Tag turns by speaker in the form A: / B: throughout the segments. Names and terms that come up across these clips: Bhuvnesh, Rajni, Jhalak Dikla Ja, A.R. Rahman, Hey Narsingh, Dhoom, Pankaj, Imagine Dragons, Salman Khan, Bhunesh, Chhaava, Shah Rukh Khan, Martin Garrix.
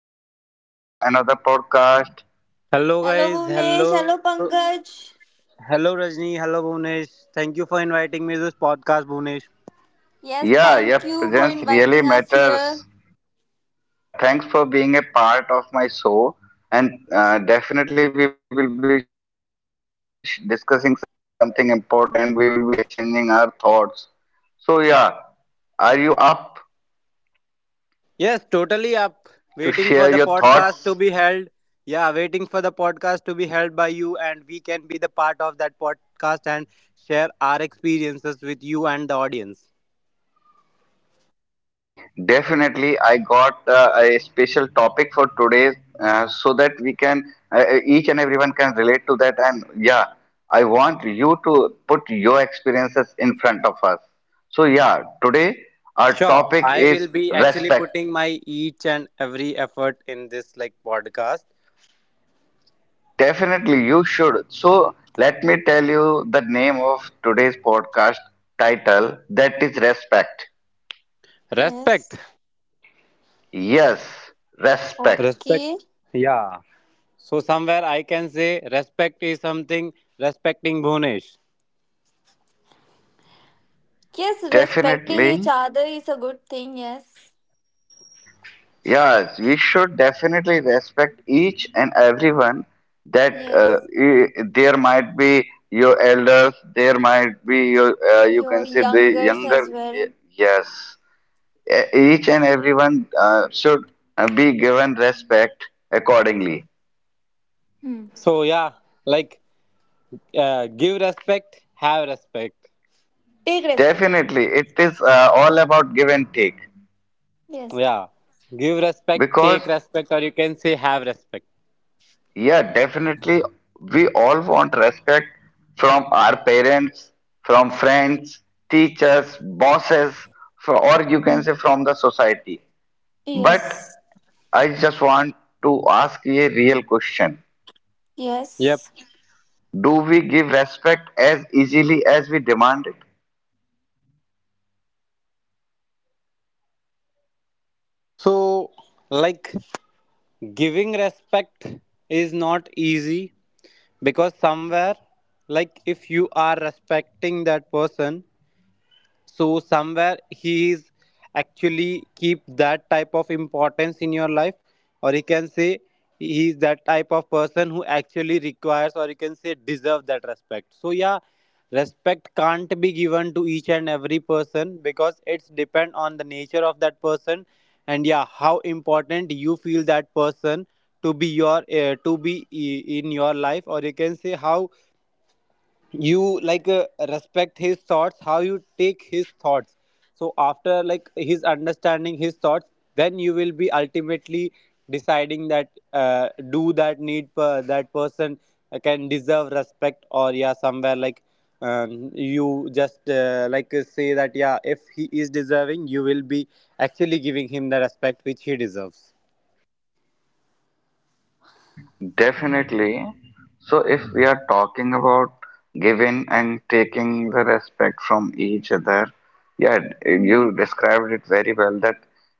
A: Welcome back to another podcast.
B: Hello,
C: Hello guys,
B: Bhuvnesh. Hello,
C: hello
B: Pankaj.
C: Rajni, hello Bhunesh. Thank you for inviting me to this podcast, Bhunesh.
B: Yes,
A: Yeah, your
B: thank you for
A: presence really
B: inviting us here.
A: matters. Yeah, thanks for being a part of my show. And definitely, we will be discussing something important. We will be exchanging our thoughts. So, yeah, are you up to share your
C: Yes,
A: thoughts?
C: totally up. Waiting for the podcast to be held. Yeah, waiting for the podcast to be held by you and we can be the part of that podcast and share our experiences with you and the audience.
A: Definitely, I got a special topic for today so that we can, each and everyone can relate to that. And yeah, I want you to put your experiences in front of us. So, yeah, today is
C: Sure, I will
A: respect.
C: be actually putting my each and every effort in this like podcast.
A: Definitely, you should. So, let me tell you the name of today's podcast title, that is Respect.
C: Respect.
B: Yes.
A: Yes, respect.
C: Respect.
B: Okay.
C: Yeah. So somewhere I can say respect is something respecting Bhunesh.
B: Yes, respecting each
A: Definitely.
B: other is a good thing. Yes.
A: Yes, we should definitely respect each and everyone, that
B: Yes.
A: there might be your elders, there might be your, you
B: Your
A: can say the
B: youngers
A: younger.
B: as
A: y-
B: well.
A: Yes, each and everyone should be given respect accordingly.
B: Hmm.
C: So yeah, like give respect, have respect.
B: Take respect.
A: Definitely, it is all about give and take,
B: Yes.
C: Yeah, give respect,
A: because
C: take respect, or you can say have respect.
A: yeah, definitely, we all want respect from our parents, from friends, teachers, bosses, or you can
B: Hmm.
A: say from the society. But
B: Yes.
A: I just want to ask you a real question.
C: Yep.
B: Yes.
A: Do we give respect as easily as we demand it?
C: So like giving respect is not easy because somewhere like if you are respecting that person, so somewhere he is actually keep that type of importance in your life, or he can say he is that type of person who actually requires, or you can say deserve that respect. So yeah, respect can't be given to each and every person because it's depend on the nature of that person, and yeah, how important you feel that person to be your to be in your life, or you can say how you like respect his thoughts, how you take his thoughts. So after like his understanding his thoughts, then you will be ultimately deciding that do that need per, that person can deserve respect, or yeah, somewhere like you just like say that yeah, if he is deserving, you will be actually giving him the respect which he deserves.
A: Definitely. So, if we are talking about giving and taking the respect from each other, yeah,
B: Hmm.
A: you described it very well that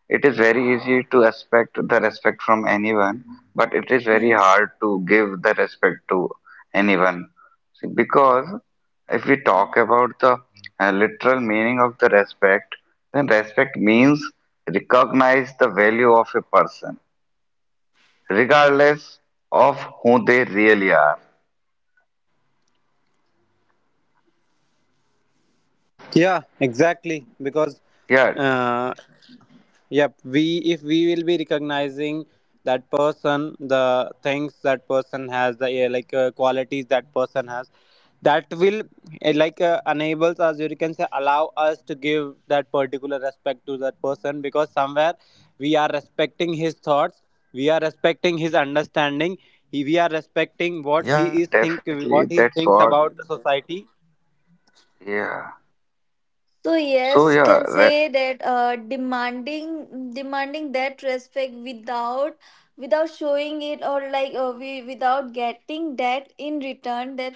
A: it is very easy to expect the respect from anyone, but it is very
B: Yes.
A: hard to give the respect to anyone. See, because if we talk about the literal meaning of the respect, then respect means recognize the value of a person regardless of who they really are.
C: Yeah, exactly, because
A: Yeah,
C: uh, yep, we if we will be recognizing that person, the things that person has, the yeah, like qualities that person has, that will like enables us, or you can say, allow us to give that particular respect to that person, because somewhere we are respecting his thoughts, we are respecting his understanding, he, we are respecting what he is think, what he thinks about the society.
B: So yes, can say that demanding that respect without without showing it or we, without getting that in return that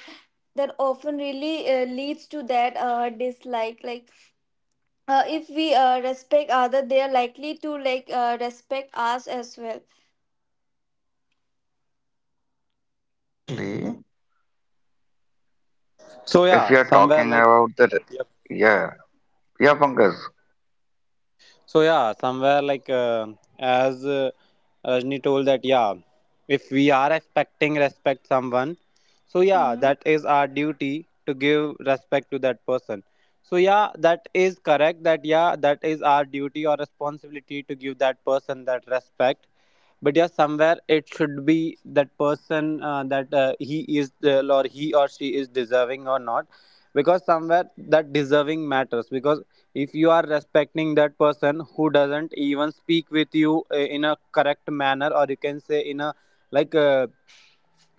B: that often really leads to that dislike if we respect other, they are likely to respect us as well.
C: So yeah, somewhere like So yeah, somewhere like uh, as Rajni told that yeah, if we are expecting respect someone, so yeah,
B: Hmm.
C: that is our duty to give respect to that person. So yeah, that is correct. That yeah, that is our duty or responsibility to give that person that respect. But yeah, somewhere it should be that person that he is or he or she is deserving or not, because somewhere that deserving matters, because if you are respecting that person who doesn't even speak with you in a correct manner, or you can say in a like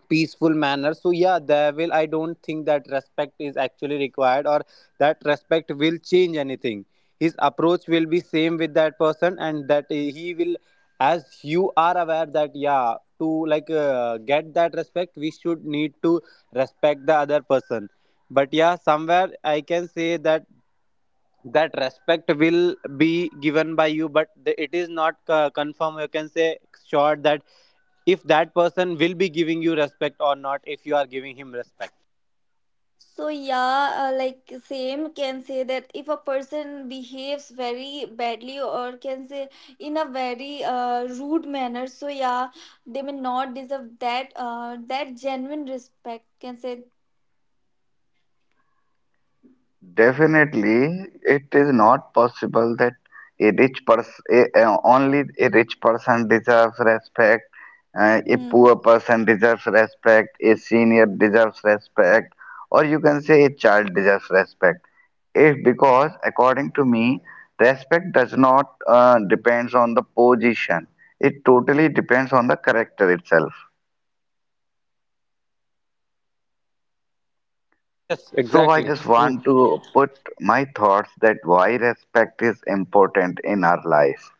C: peaceful manner, so yeah, there will, I don't think that respect is actually required, or that respect will change anything. His approach will be same with that person and that he will, as you are aware that yeah, to like get that respect, we should need to respect the other person. But yeah, somewhere I can say that that respect will be given by you, but the, it is not confirmed, you can say sure that if that person will be giving you respect or not, if you are giving him respect.
B: So yeah, like same can say that if a person behaves very badly or can say in a very rude manner, so yeah, they may not deserve that that genuine respect. Can say
A: definitely, it is not possible that a rich person, only a rich person deserves respect, a
B: hmm.
A: poor person deserves respect, a senior deserves respect, or you can say a child deserves respect. It, because according to me, respect does not depends on the position. It totally depends on the character itself.
C: Yes,
A: So I
C: exactly
A: just
C: true.
A: want to put my thoughts that why respect is important in our life.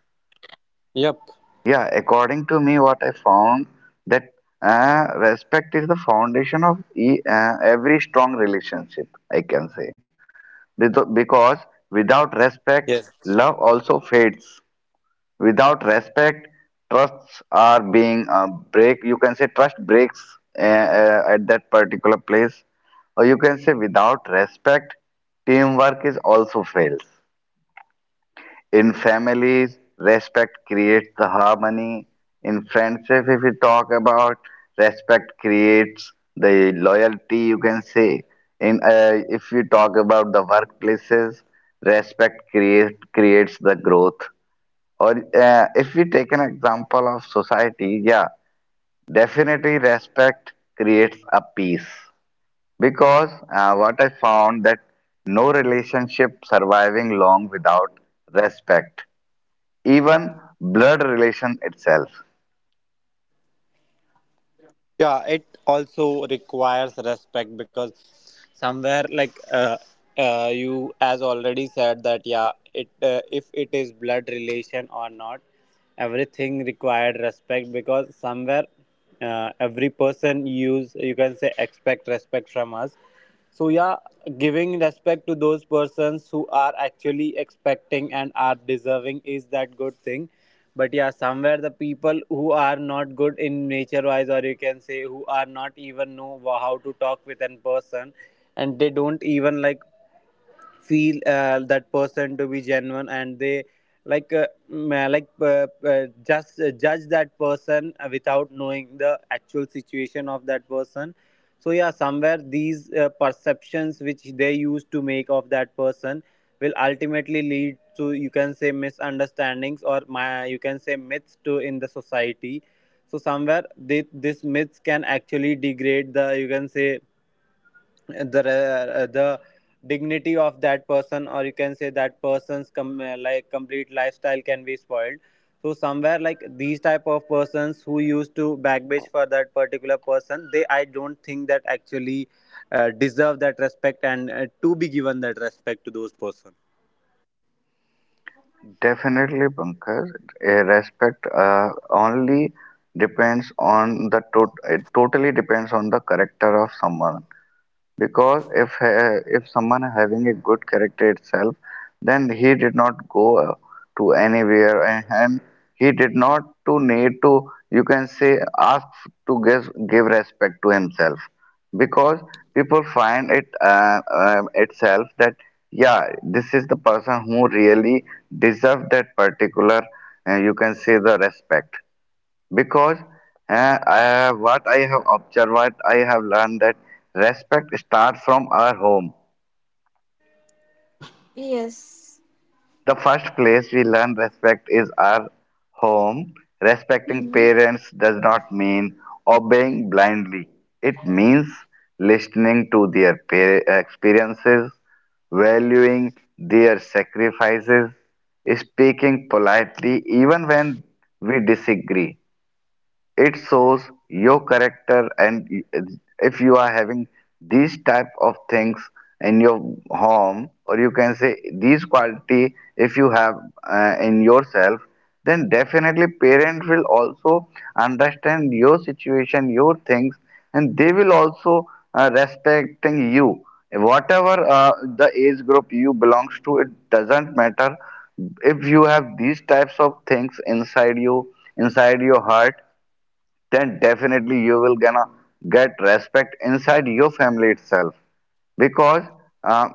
C: Yep.
A: Yeah, according to me, what I found that respect is the foundation of e every strong relationship, I can say. Because without respect,
C: Yes.
A: love also fades. Without respect, trusts are being break, you can say trust breaks at that particular place, or you can say without respect teamwork is also fails. In families, respect creates the harmony. In friendship, if we talk about, respect creates the loyalty, you can say. In if you talk about the workplaces, respect creates the growth. Or if we take an example of society, yeah, definitely respect creates a peace. Because what I found that no relationship surviving long without respect, even blood relation itself.
C: Yeah, it also requires respect, because somewhere like you as already said that yeah, it if it is blood relation or not, everything required respect, because somewhere every person use, you can say expect respect from us. So yeah, giving respect to those persons who are actually expecting and are deserving is that good thing. But yeah, somewhere the people who are not good in nature wise, or you can say who are not even know wha- how to talk with an person, and they don't even like feel that person to be genuine, and they like just judge that person without knowing the actual situation of that person. So yeah, somewhere these perceptions which they used to make of that person will ultimately lead to, you can say misunderstandings or my, you can say myths to in the society. So somewhere this myths can actually degrade the, you can say the the dignity of that person, or you can say that person's like complete lifestyle can be spoiled. So somewhere like these type of persons who used to backbitch for that particular person, they, I don't think that actually deserve that respect and to be given that respect to those person.
A: Definitely, Pankaj, a respect only depends on the it totally depends on the character of someone. Because if someone having a good character itself, then he did not go to anywhere, and he did not to need to, you can say, ask to give respect to himself, because people find it itself that yeah, this is the person who really deserve that particular, you can say, the respect. Because what I have observed, what I have learned, that respect starts from our home.
B: Yes.
A: The first place we learn respect is our home. Respecting
B: Hmm.
A: parents does not mean obeying blindly. It means listening to their experiences, valuing their sacrifices, speaking politely even when we disagree. It shows your character, and if you are having these type of things in your home, or you can say these quality if you have in yourself, then definitely parent will also understand your situation, your things, and they will also respecting you. Whatever the age group you belongs to, it doesn't matter. If you have these types of things inside you, inside your heart, then definitely you will gonna get respect inside your family itself. Because uh,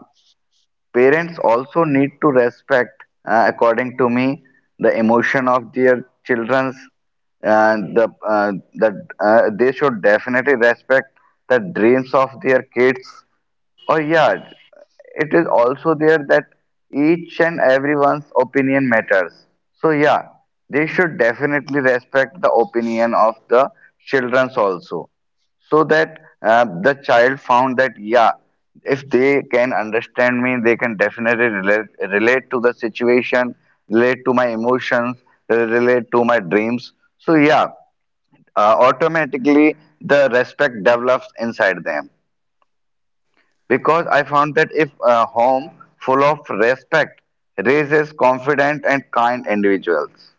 A: parents also need to respect, according to me, the emotion of their children's, uh, the uh, that they should definitely respect the dreams of their kids. Or yeah, it is also there that each and everyone's opinion matters. So yeah, they should definitely respect the opinion of the childrens also. So that the child found that yeah, if they can understand me, they can definitely relate to the situation, relate to my emotions, relate to my dreams. So yeah, automatically the respect develops inside them, because I found that if a home full of respect raises confident and kind individuals.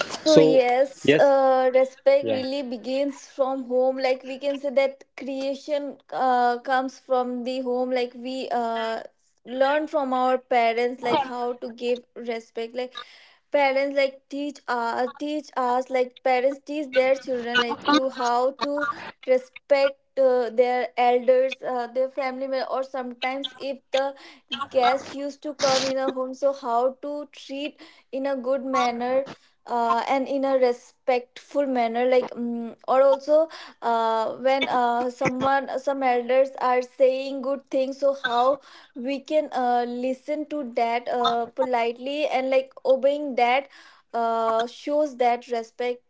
B: So
C: So
B: yes,
C: yes,
B: respect
C: yeah.
B: really begins from home. Like we can say that creation comes from the home. Like we learn from our parents, like how to give respect. Like parents like teach us like parents teach their children like to how to respect their elders their family member, or sometimes if the guests used to come in a home, so how to treat in a good manner and in a respectful manner like or also when someone, some elders are saying good things, so how we can listen to that politely, and like obeying that shows that respect.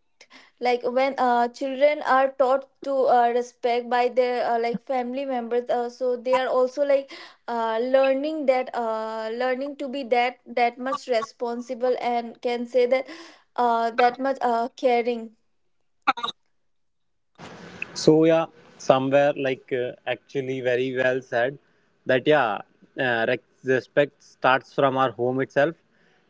B: Like when children are taught to respect by their like family members, so they are also like learning that learning to be that much responsible and can say that that much caring.
C: So yeah, somewhere like actually very well said that yeah, respect starts from our home itself,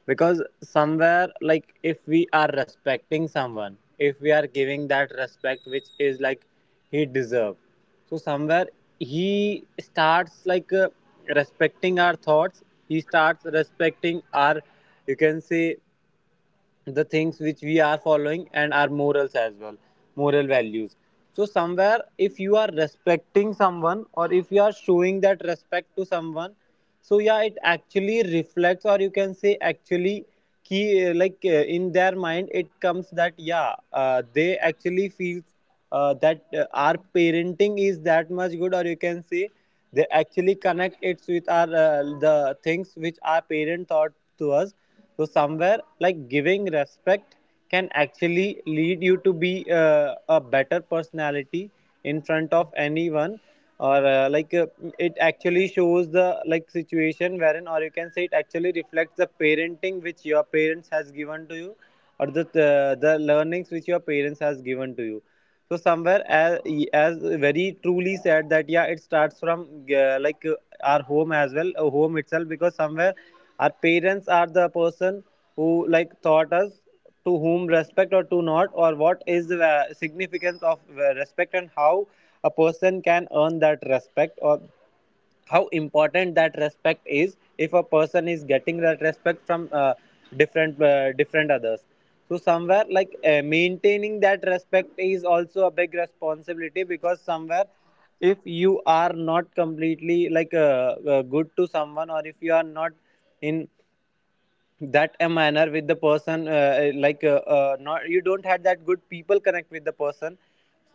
C: because somewhere like if we are respecting someone, if we are giving that respect which is like he deserve, so somewhere he starts like respecting our thoughts. He starts respecting our, you can say the things which we are following and our morals as well, moral values. So somewhere if you are respecting someone, or if you are showing that respect to someone, so yeah, it actually reflects, or you can say actually key like in their mind it comes that yeah, they actually feel that our parenting is that much good, or you can say they actually connect it with our the things which our parent taught to us. So somewhere like giving respect can actually lead you to be a better personality in front of anyone, or like it actually shows the like situation wherein, or you can say it actually reflects the parenting which your parents has given to you, or the learnings which your parents has given to you. So somewhere as very truly said that yeah, it starts from like our home as well, home itself, because somewhere our parents are the person who like taught us to whom respect or to not, or what is the significance of respect, and how a person can earn that respect, or how important that respect is if a person is getting that respect from different others. So somewhere like maintaining that respect is also a big responsibility, because somewhere if you are not completely like good to someone, or if you are not in that a manner with the person like not, you don't have that good people connect with the person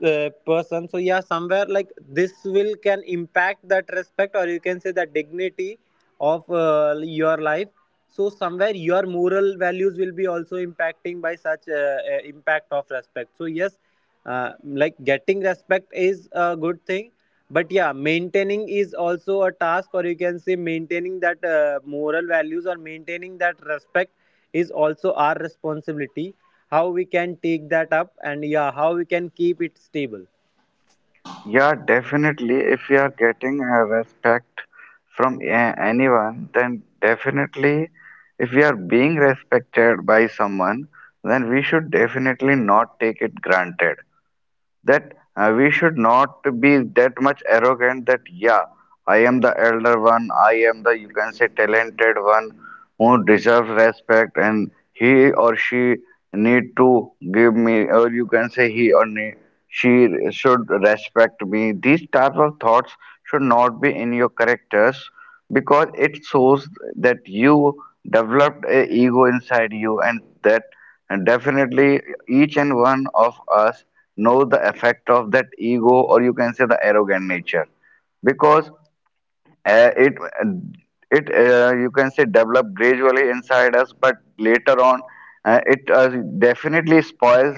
C: uh, person. So yeah, somewhere like this will can impact that respect, or you can say that dignity of your life. So somewhere your moral values will be also impacting by such impact of respect. So yes, like getting respect is a good thing, but yeah, maintaining is also a task, or you can say maintaining that moral values, or maintaining that respect is also our responsibility, how we can take that up, and yeah, how we can keep it stable.
A: Yeah, definitely. If you are getting respect from anyone, then definitely, if we are being respected by someone, then we should definitely not take it granted. That we should not be that much arrogant that yeah, I am the elder one, I am the, you can say, talented one who deserves respect, and he or she need to give me, or you can say he or she should respect me. These type of thoughts should not be in your characters, because it shows that you developed a ego inside you, and that, and definitely, each and one of us know the effect of that ego, or you can say the arrogant nature. Because it uh, it you can say develop gradually inside us, but later on, it definitely spoils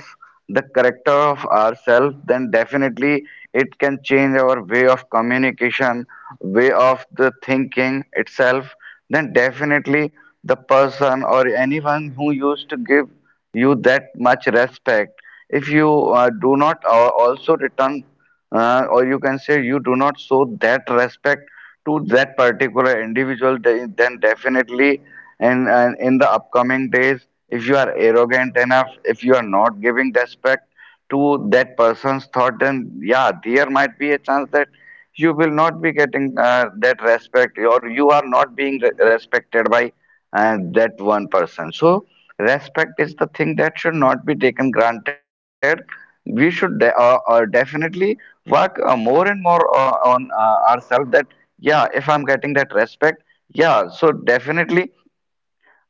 A: the character of ourselves. Then definitely it can change our way of communication, way of the thinking itself. Then definitely the person or anyone who used to give you that much respect, if you do not also return, or you can say you do not show that respect to that particular individual, then definitely in, in the upcoming days, if you are arrogant enough, if you are not giving respect to that person's thought, then yeah, there might be a chance that you will not be getting that respect, or you are not being respected by that one person. So, respect is the thing that should not be taken granted. We should definitely work more and more on ourselves, that yeah, if I'm getting that respect, yeah, so definitely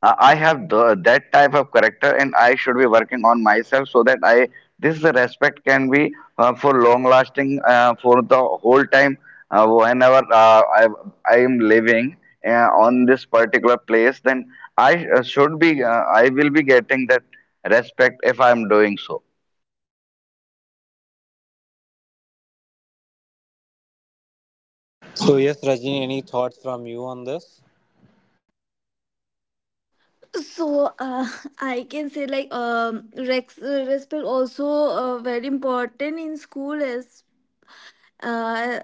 A: I have the, that type of character, and I should be working on myself so that I, this respect can be for long lasting for the whole time. Whenever I am living uh, on this particular place, then I should be I will be getting that respect if I am doing so.
C: So yes, Rajini, any thoughts from you on this?
B: So I can say like respect also very important in school as uh,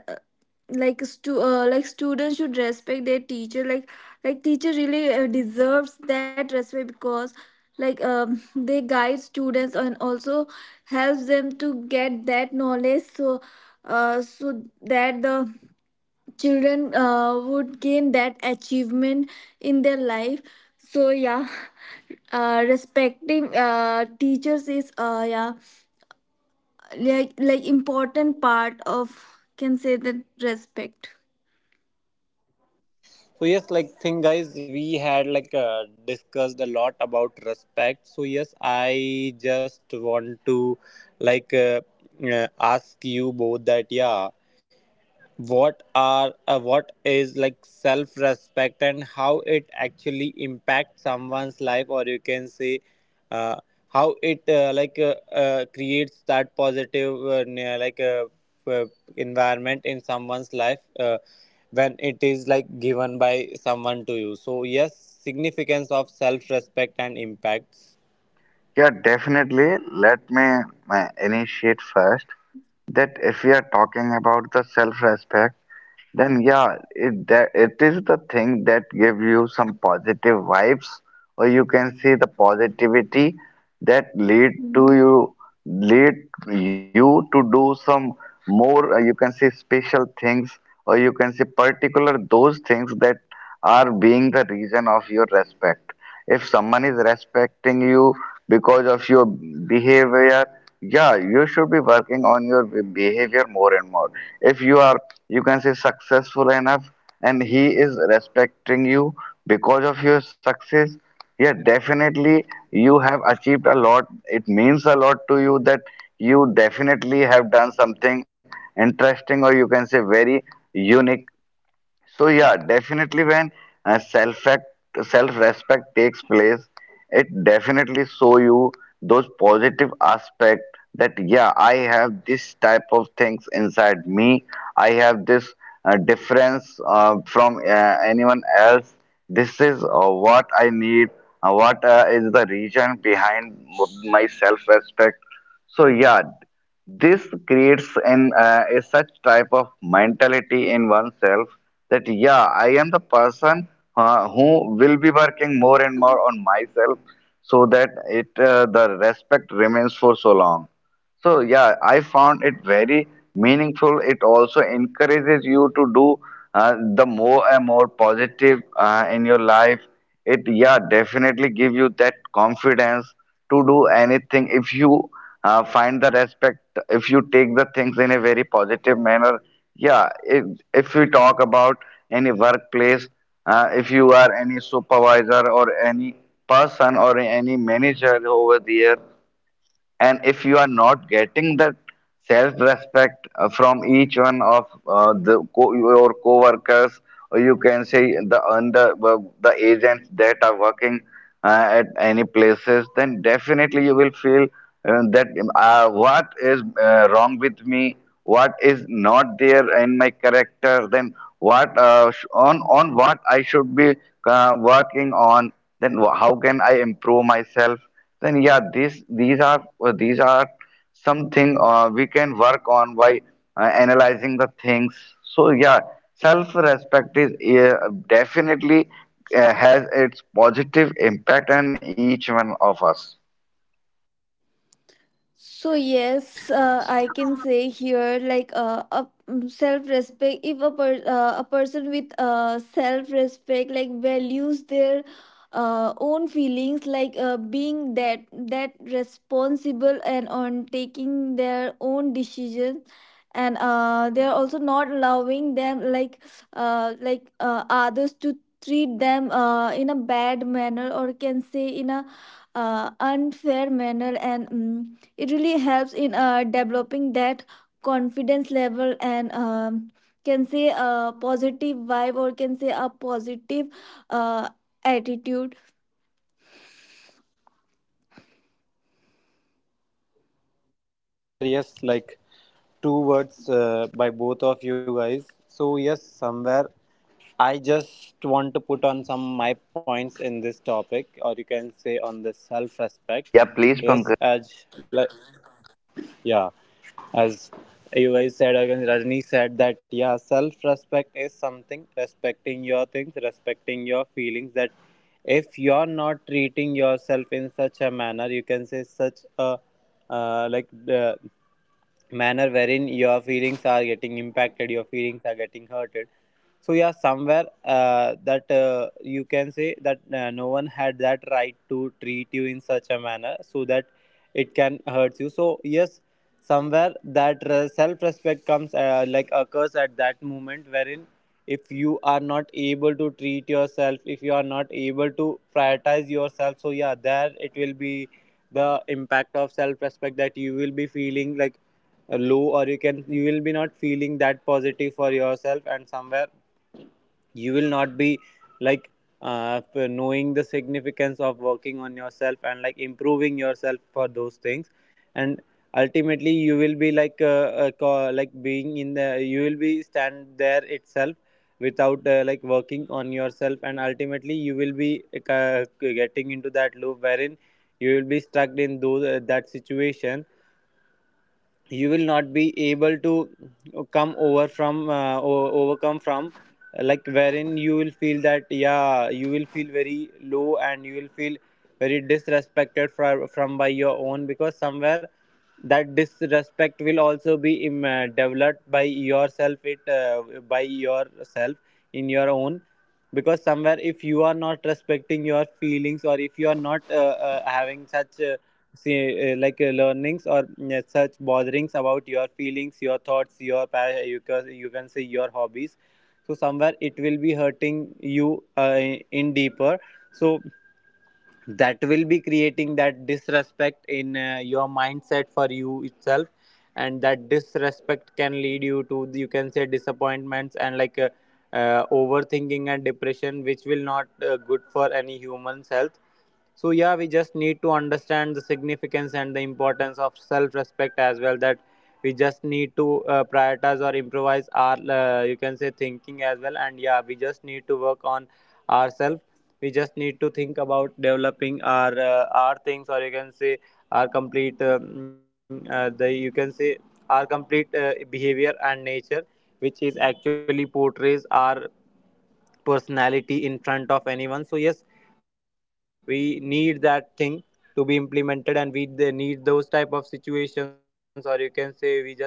B: like like students should respect their teacher, like teacher really deserves that respect, because like they guide students and also helps them to get that knowledge, so so that the children would gain that achievement in their life. So yeah, respecting teachers is yeah, like important part of can say that respect.
C: So yes, like thing guys, we had like discussed a lot about respect. So yes, I just want to like uh, ask you both that yeah, what are what is like self respect, and how it actually impacts someone's life, or you can say uh, how it like creates that positive uh, environment in someone's life when it is like given by someone to you. So yes, significance of self respect and impacts.
A: Yeah, definitely. Let me initiate first that if we are talking about the self-respect, then yeah, it that it is the thing that give you some positive vibes, or you can see the positivity that
B: Mhm.
A: lead you to do some more. You can see special things, or you can see particular those things that are being the reason of your respect. If someone is respecting you because of your behavior, yeah, you should be working on your behavior more and more. If you are, you can say, successful enough and he is respecting you because of your success, yeah, definitely you have achieved a lot. It means a lot to you that you definitely have done something interesting, or you can say very unique. So yeah, definitely when uh, self-act, self-respect takes place, it definitely show you those positive aspect that yeah, I have this type of things inside me. I have this difference from anyone else. This is what I need. What is the reason behind my self-respect? So yeah, this creates an a such type of mentality in oneself, that yeah, I am the person who will be working more and more on myself so that it the respect remains for so long. So yeah, I found it very meaningful. It also encourages you to do the more and more positive in your life. It, yeah, definitely give you that confidence to do anything if you find the respect. If you take the things in a very positive manner, yeah. If we talk about any workplace, if you are any supervisor or any person or any manager over there, and if you are not getting that self respect from each one of your co-workers, or you can say the and the, the agents that are working at any places, then definitely you will feel that what is wrong with me, what is not there in my character, then what on what I should be working on, then how can I improve myself. Then yeah, these are something we can work on by analyzing the things. So yeah, self-respect is uh, definitely has its positive impact on each one of us.
B: So yes, I can say here a self respect. If a a person with self respect like values their own feelings, being that responsible and on taking their own decisions, and they are also not allowing them like others to treat them in a bad manner, or can say in a unfair manner. And mm, it really helps in developing that confidence level and can say a positive vibe, or can say a positive uh, attitude.
C: So somewhere yes, like two words by both of you guys. So yes, somewhere I just want to put on some my points in this topic, or you can say on the
A: Yeah,
C: self-respect.
A: please, Pankaj.
C: Yes, as like, yeah, as you guys said, or Rajni said that yeah, self-respect is something respecting your things, respecting your feelings. That if you're not treating yourself in such a manner, you can say such a like the manner wherein your feelings are getting impacted, your feelings are getting hurted. So yeah, somewhere that you can say that no one had that right to treat you in such a manner so that it can hurt you. So yes, somewhere that self-respect comes like occurs at that moment wherein, if you are not able to treat yourself, if you are not able to prioritize yourself, so yeah, there it will be the impact of self-respect that you will be feeling like low, or you can, you will be not feeling that positive for yourself, and somewhere you will not be like uh, knowing the significance of working on yourself and like improving yourself for those things. And ultimately you will be like being in the, you will be stand there itself without like working on yourself, and ultimately you will be getting into that loop wherein you will be stuck in those that situation. You will not be able to come over from overcome from, like wherein you will feel that yeah, you will feel very low, and you will feel very disrespected from, by your own, because somewhere that disrespect will also be developed by yourself, it by yourself, in your own. Because somewhere, if you are not respecting your feelings, or if you are not having such see, like learnings or such botherings about your feelings, your thoughts, your you can say your hobbies. So somewhere it will be hurting you in deeper. So that will be creating that disrespect in your mindset for you itself, and that disrespect can lead you to, you can say, disappointments and overthinking and depression, which will not good for any human's health. So yeah, we just need to understand the significance and the importance of self respect as well, that we just need to prioritize or improvise our you can say thinking as well. And yeah, we just need to work on ourselves. We just need to think about developing our things, or you can say our complete the you can say our complete behavior and nature, which is actually portrays our personality in front of anyone. So yes, we need that thing to be implemented, and we, they need those type of situations, or you can say we just need those type of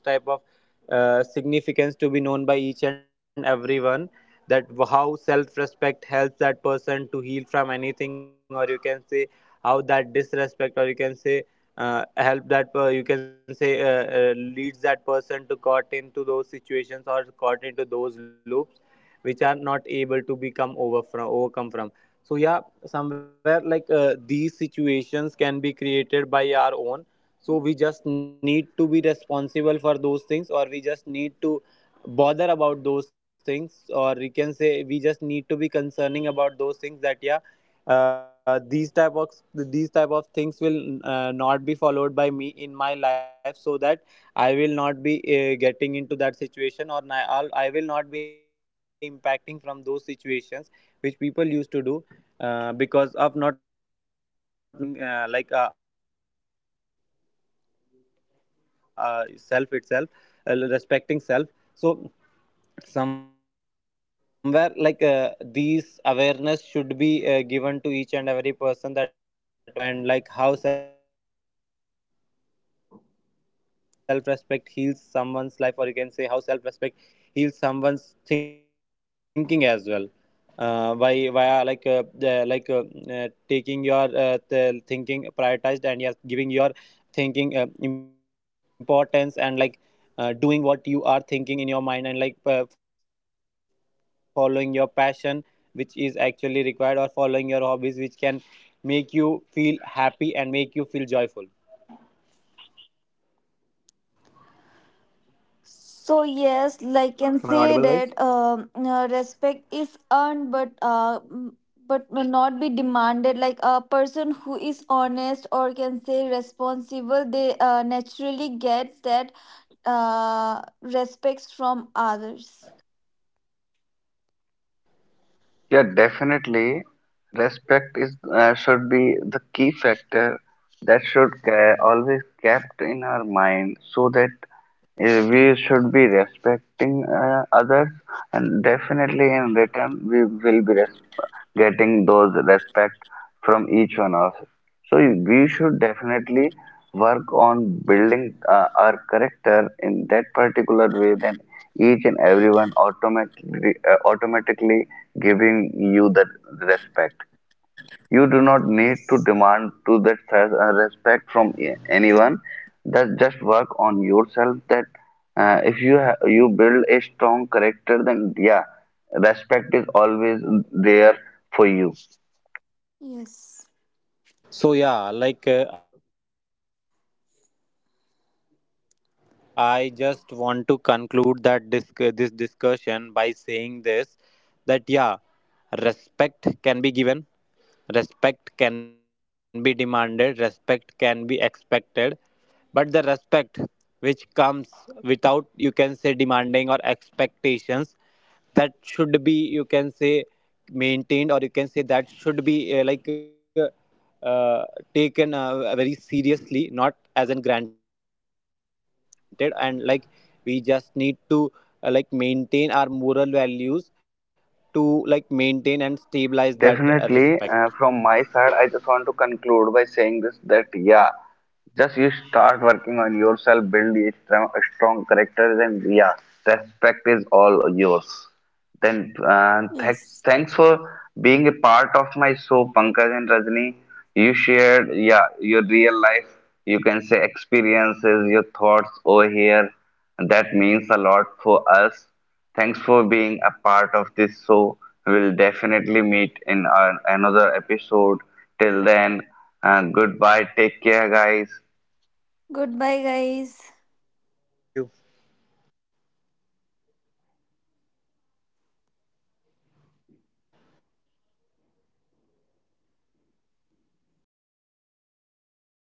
C: significance to be known by each and everyone. How self-respect helps that person to heal from anything, or you can say how that disrespect, or you can say help that you can say leads that person to caught into those situations, or caught into those loops which are not able to become over from, overcome from. So yeah, somewhere like these situations can be created by our own. So we just need to be responsible for those things, or we just need to bother about those things, or we can say we just need to be concerning about those things, that yeah, these type of, these type of things will not be followed by me in my life, so that I will not be getting into that situation, or I will not be impacting from those situations which people used to do, because of not knowing that not knowing that significance of respecting self itself, respecting self. So somewhere like these awareness should be given to each and every person, that what is the significance and how self-respect helpful, and like how self-respect heals someone's life, or you can say how self-respect heals someone's thinking as well, by via like the, like taking your the thinking prioritized, and yes, giving your thinking importance, and like doing what you are thinking in your mind, and like following your passion, which is actually required, or following your hobbies, which can make you feel happy and make you feel joyful. Am I audible, guys?
B: So yes, like can say that respect is earned, but but will not be demanded. Like a person who is honest or can say responsible, they naturally gets that respects from others.
A: Yeah, definitely. Respect is should be the key factor that should ca always kept in our mind, so that we should be respecting others, and definitely in return we will be res getting those respect from each one of us. So we should definitely work on building our character in that particular way. Then each and everyone automatically giving you the respect. You do not need to
B: Yes.
A: demand to that respect from anyone. That just work on yourself. That if you you build a strong character, then yeah, respect is always there for you.
B: Yes.
C: So yeah, like I just want to conclude this discussion by saying this, that yeah, respect can be given, respect can be demanded, respect can be expected, but the respect which comes without, you can say, demanding or expectations, that should be, you can say, maintained, or you can say that should be uh, like uh, uh, taken very seriously, not as in granted. And like, we just need to like maintain our moral values, to like maintain and stabilize that respect.
A: Definitely, from my side, I just want to conclude by saying this that yeah, just you start working on yourself, build a strong characters, and yeah, respect is all yours. Then
B: Yes.
A: thanks for being a part of my show, Pankaj and Rajni. You shared, yeah, your real life, you can say, experiences, your thoughts over here. That means a lot for us. Thanks for being a part of this show. We'll definitely meet in our, another episode. Till then, goodbye. Take care, guys.
B: Goodbye, guys.
C: Goodbye, Bhunesh, thank you. Bhunesh, are you there?